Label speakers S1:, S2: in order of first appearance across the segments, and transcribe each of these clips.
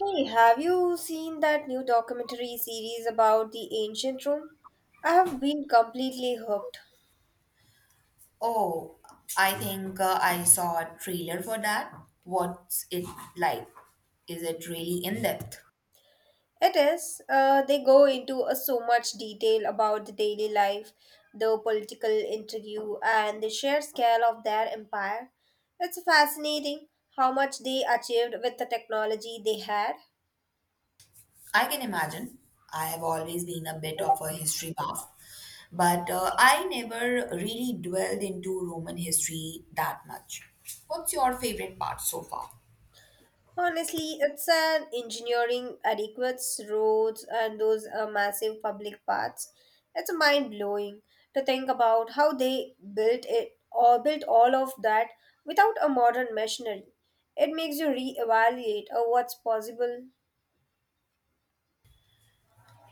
S1: Hey, have you seen that new documentary series about the ancient Rome? I have been completely hooked.
S2: Oh, I think I saw a trailer for that. What's it like? Is it really in depth?
S1: It is, they go into so much detail about the daily life, the political intrigue, and the sheer scale of their empire. It's fascinating how much they achieved with the technology they had.
S2: I can imagine. I have always been a bit of a history buff, but I never really dwelled into Roman history that much. What's your favorite part so far?
S1: Honestly, it's an engineering adequates roads and those massive public paths. It's mind blowing to think about how they built it or built all of that without a modern machinery. It makes you reevaluate what's possible.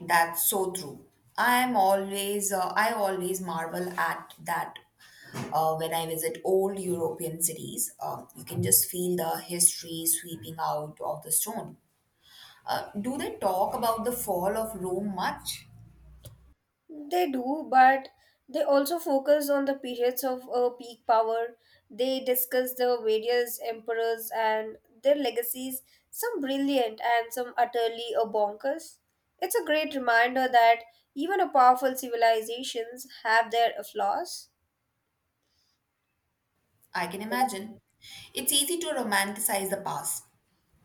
S2: That's so true. I always marvel at that when I visit old European cities. You can just feel the history sweeping out of the stone. Do they talk about the fall of Rome much?
S1: They do, but they also focus on the periods of peak power. They discuss the various emperors and their legacies, some brilliant and some utterly bonkers. It's a great reminder that even a powerful civilizations have their flaws.
S2: I can imagine. It's easy to romanticize the past,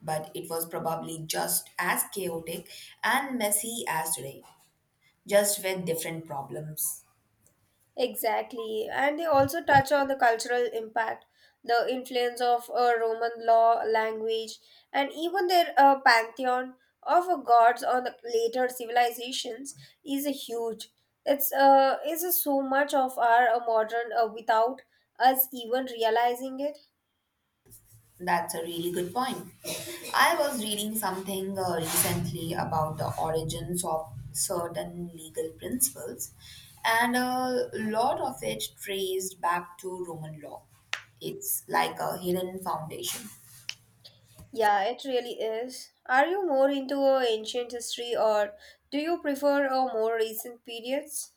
S2: but it was probably just as chaotic and messy as today, just with different problems.
S1: Exactly. And they also touch on the cultural impact, the influence of Roman law, language, and even their pantheon of gods on the later civilizations is a huge. It's is a so much of our modern without us even realizing it.
S2: That's a really good point. I was reading something recently about the origins of certain legal principles, and a lot of it traced back to Roman law. It's like a hidden foundation.
S1: Yeah, it really is. Are you more into ancient history or do you prefer more recent periods?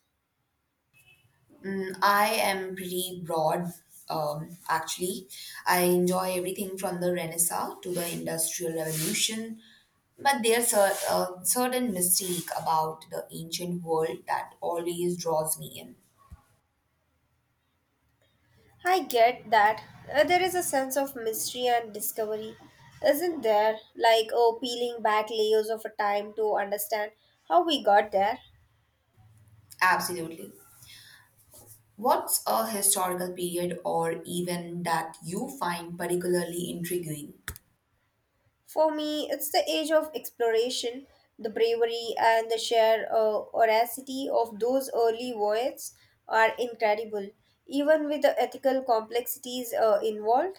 S2: I am pretty broad, actually. I enjoy everything from the Renaissance to the Industrial Revolution, but there's a certain mystique about the ancient world that always draws me in.
S1: I get that. There is a sense of mystery and discovery, isn't there? Like, oh, peeling back layers of a time to understand how we got there.
S2: Absolutely. What's a historical period or event that you find particularly intriguing?
S1: For me, it's the age of exploration, the bravery, and the sheer audacity of those early voyages are incredible, even with the ethical complexities involved.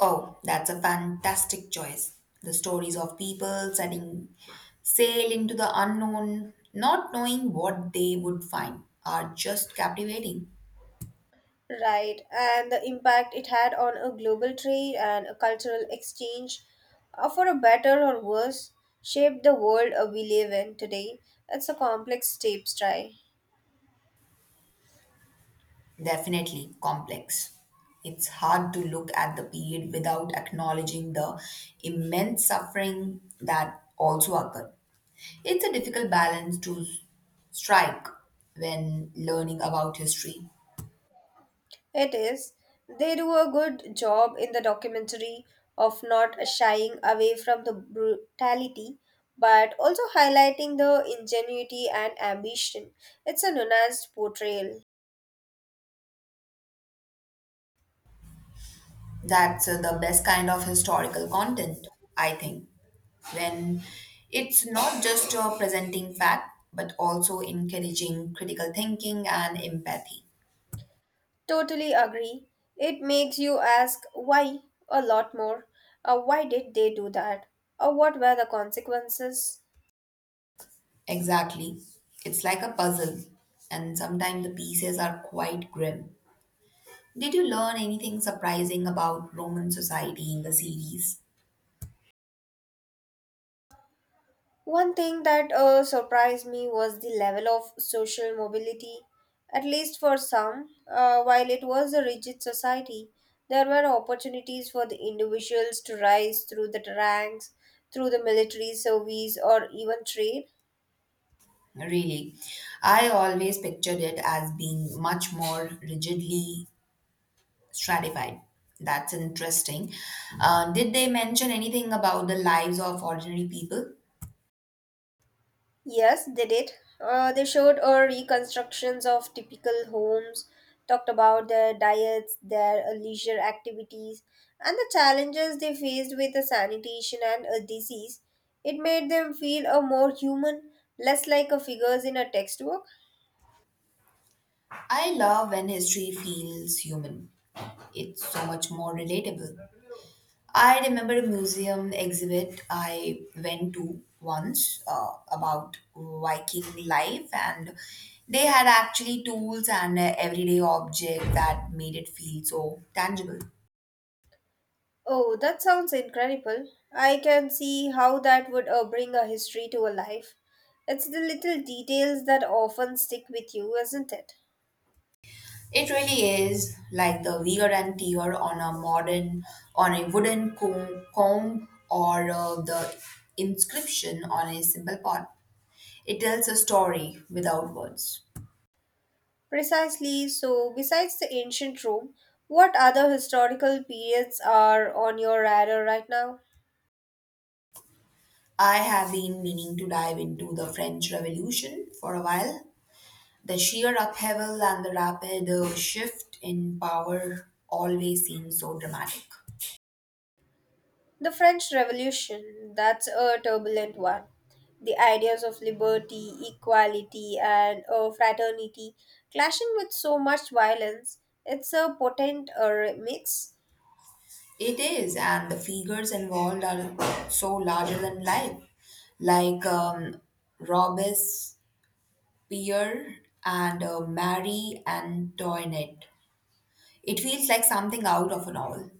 S2: Oh, that's a fantastic choice. The stories of people setting sail into the unknown, not knowing what they would find, are just captivating.
S1: Right, and the impact it had on a global trade and a cultural exchange, for a better or worse, shaped the world we live in today. It's a complex tapestry.
S2: Definitely complex. It's hard to look at the period without acknowledging the immense suffering that also occurred. It's a difficult balance to strike when learning about history.
S1: It is. They do a good job in the documentary of not shying away from the brutality, but also highlighting the ingenuity and ambition. It's a nuanced portrayal.
S2: That's the best kind of historical content, I think, when it's not just presenting fact but also encouraging critical thinking and empathy.
S1: Totally agree. It makes you ask why a lot more. Why did they do that? Or what were the consequences?
S2: Exactly. It's like a puzzle, and sometimes the pieces are quite grim. Did you learn anything surprising about Roman society in the series?
S1: One thing that surprised me was the level of social mobility. At least for some, while it was a rigid society, there were opportunities for the individuals to rise through the ranks, through the military service, or even trade.
S2: Really, I always pictured it as being much more rigidly stratified. That's interesting. Did they mention anything about the lives of ordinary people?
S1: Yes, they did. They showed reconstructions of typical homes, talked about their diets, their leisure activities, and the challenges they faced with the sanitation and disease. It made them feel more human, less like a figures in a textbook.
S2: I love when history feels human, it's so much more relatable. I remember a museum exhibit I went to once about Viking life, and they had actually tools and everyday objects that made it feel so tangible.
S1: Oh, that sounds incredible. I can see how that would bring a history to a life. It's the little details that often stick with you, isn't it?
S2: It really is like the wear and tear on on a wooden comb or the inscription on a simple pot. It tells a story without words.
S1: Precisely. So, besides the ancient Rome, what other historical periods are on your radar right now?
S2: I have been meaning to dive into the French Revolution for a while. The sheer upheaval and the rapid shift in power always seem so dramatic.
S1: The French Revolution, that's a turbulent one. The ideas of liberty, equality, and fraternity clashing with so much violence, it's a potent mix.
S2: It is, and the figures involved are so larger than life, like Robespierre and Marie Antoinette. It feels like something out of a novel.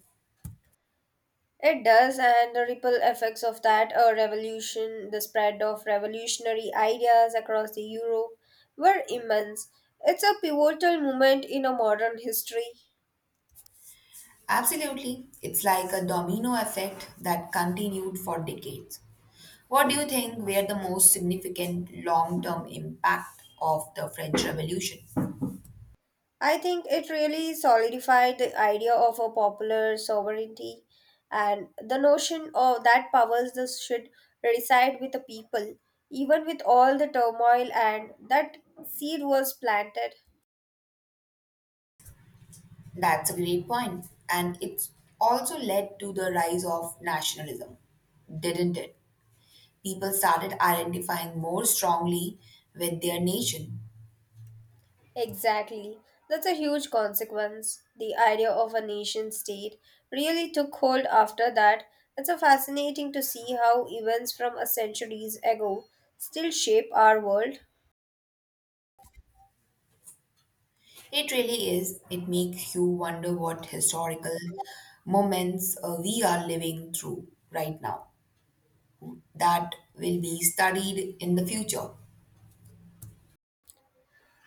S1: It does, and the ripple effects of that revolution, the spread of revolutionary ideas across the Europe, were immense. It's a pivotal moment in a modern history.
S2: Absolutely, it's like a domino effect that continued for decades. What do you think were the most significant long term impact of the French Revolution?
S1: I think it really solidified the idea of a popular sovereignty and the notion of that powers that should reside with the people, even with all the turmoil and that seed was planted.
S2: That's a great point. And it's also led to the rise of nationalism, didn't it? People started identifying more strongly with their nation.
S1: Exactly. That's a huge consequence. The idea of a nation state really took hold after that. It's a fascinating to see how events from a centuries ago still shape our world.
S2: It really is. It makes you wonder what historical moments we are living through right now that will be studied in the future.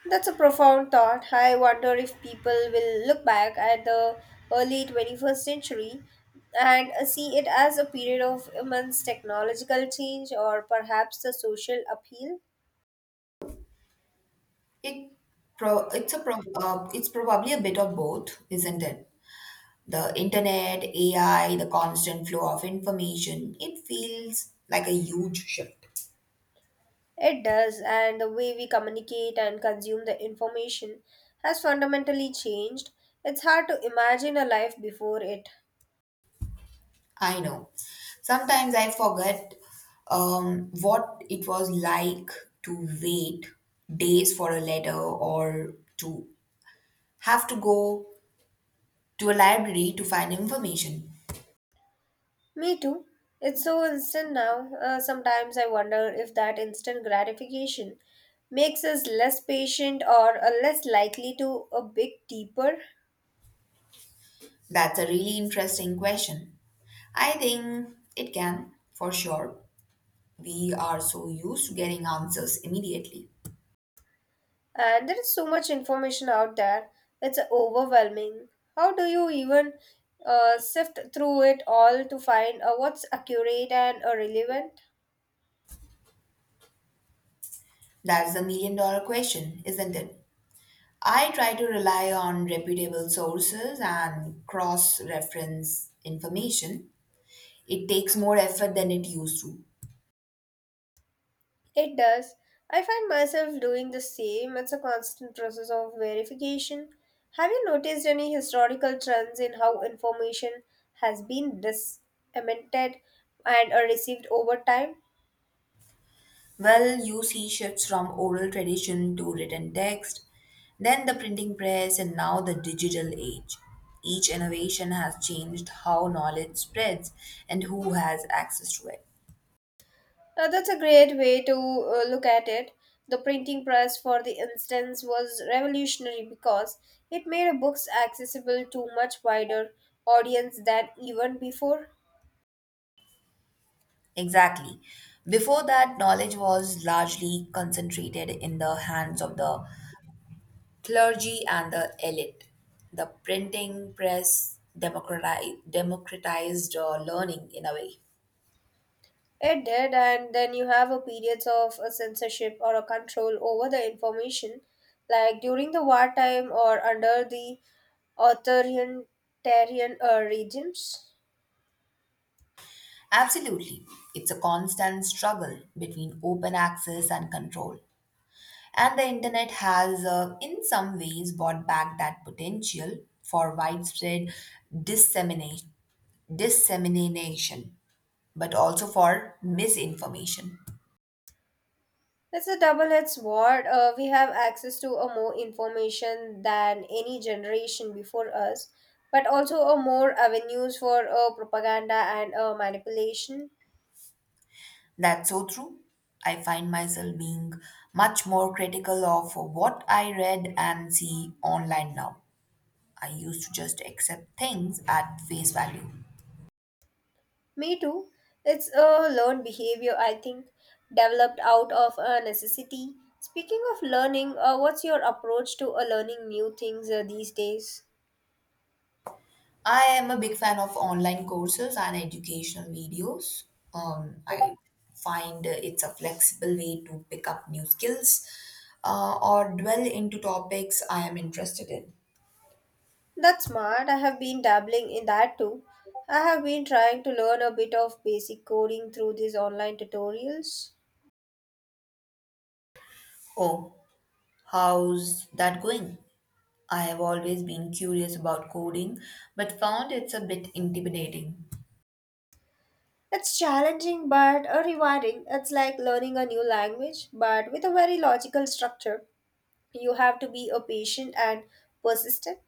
S1: That's a profound thought. I wonder if people will look back at the early 21st century and see it as a period of immense technological change or perhaps the social appeal.
S2: It it's probably a bit of both, isn't it? The internet, AI, the constant flow of information, it feels like a huge shift.
S1: It does, and the way we communicate and consume the information has fundamentally changed. It's hard to imagine a life before it.
S2: I know. Sometimes I forget what it was like to wait days for a letter or to have to go to a library to find information.
S1: Me too. It's so instant now. Sometimes I wonder if that instant gratification makes us less patient or less likely to a bit deeper.
S2: That's a really interesting question. I think it can, for sure. We are so used to getting answers immediately.
S1: And there is so much information out there. It's overwhelming. How do you even sift through it all to find what's accurate and relevant?
S2: That's the million dollar question, isn't it? I try to rely on reputable sources and cross reference information. It takes more effort than it used to.
S1: It does. I find myself doing the same. It's a constant process of verification. Have you noticed any historical trends in how information has been disseminated and received over time?
S2: Well, you see shifts from oral tradition to written text, then the printing press, and now the digital age. Each innovation has changed how knowledge spreads and who has access to it.
S1: That's a great way to look at it. The printing press, for the instance, was revolutionary because it made books accessible to much wider audience than even before.
S2: Exactly. Before that, knowledge was largely concentrated in the hands of the clergy and the elite. The printing press democratized learning in a way.
S1: It did, and then you have a periods of a censorship or a control over the information, like during the wartime or under the authoritarian regimes.
S2: Absolutely. It's a constant struggle between open access and control. And the internet has, in some ways, brought back that potential for widespread dissemination, dissemination, but also for misinformation.
S1: It's a double-edged sword. We have access to a more information than any generation before us, but also a more avenues for propaganda and manipulation.
S2: That's so true. I find myself being much more critical of what I read and see online now. I used to just accept things at face value.
S1: Me too. It's a learned behavior, I think, developed out of a necessity. Speaking of learning, what's your approach to learning new things these days?
S2: I am a big fan of online courses and educational videos. I find it's a flexible way to pick up new skills or dwell into topics I am interested in.
S1: That's smart. I have been dabbling in that too. I have been trying to learn a bit of basic coding through these online tutorials.
S2: Oh, how's that going? I have always been curious about coding, but found it's a bit intimidating.
S1: It's challenging but rewarding. It's like learning a new language but with a very logical structure. You have to be a patient and persistent.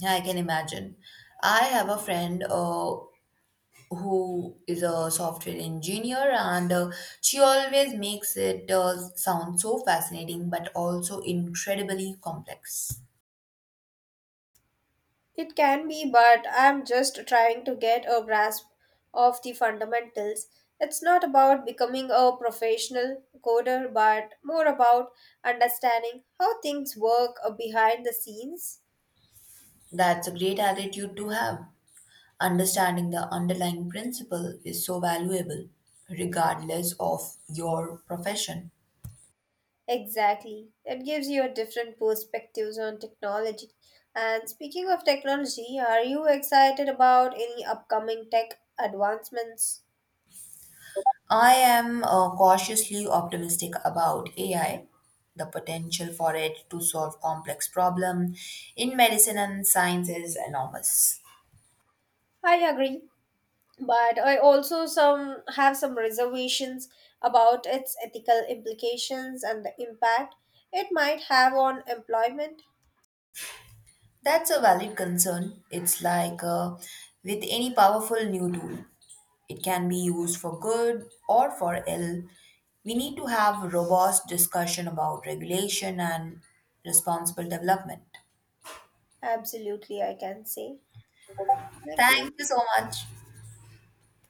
S2: Yeah, I can imagine. I have a friend who is a software engineer, and she always makes it sound so fascinating, but also incredibly complex.
S1: It can be, but I'm just trying to get a grasp of the fundamentals. It's not about becoming a professional coder, but more about understanding how things work behind the scenes.
S2: That's a great attitude to have. Understanding the underlying principle is so valuable, regardless of your profession.
S1: Exactly. It gives you a different perspectives on technology. And speaking of technology, are you excited about any upcoming tech advancements?
S2: I am cautiously optimistic about AI, the potential for it to solve complex problems in medicine and science is enormous.
S1: I agree, but I also some have some reservations about its ethical implications and the impact it might have on employment.
S2: That's a valid concern. It's like with any powerful new tool, it can be used for good or for ill. We need to have robust discussion about regulation and responsible development.
S1: Absolutely. I can say thank
S2: Thank
S1: you.
S2: you so much.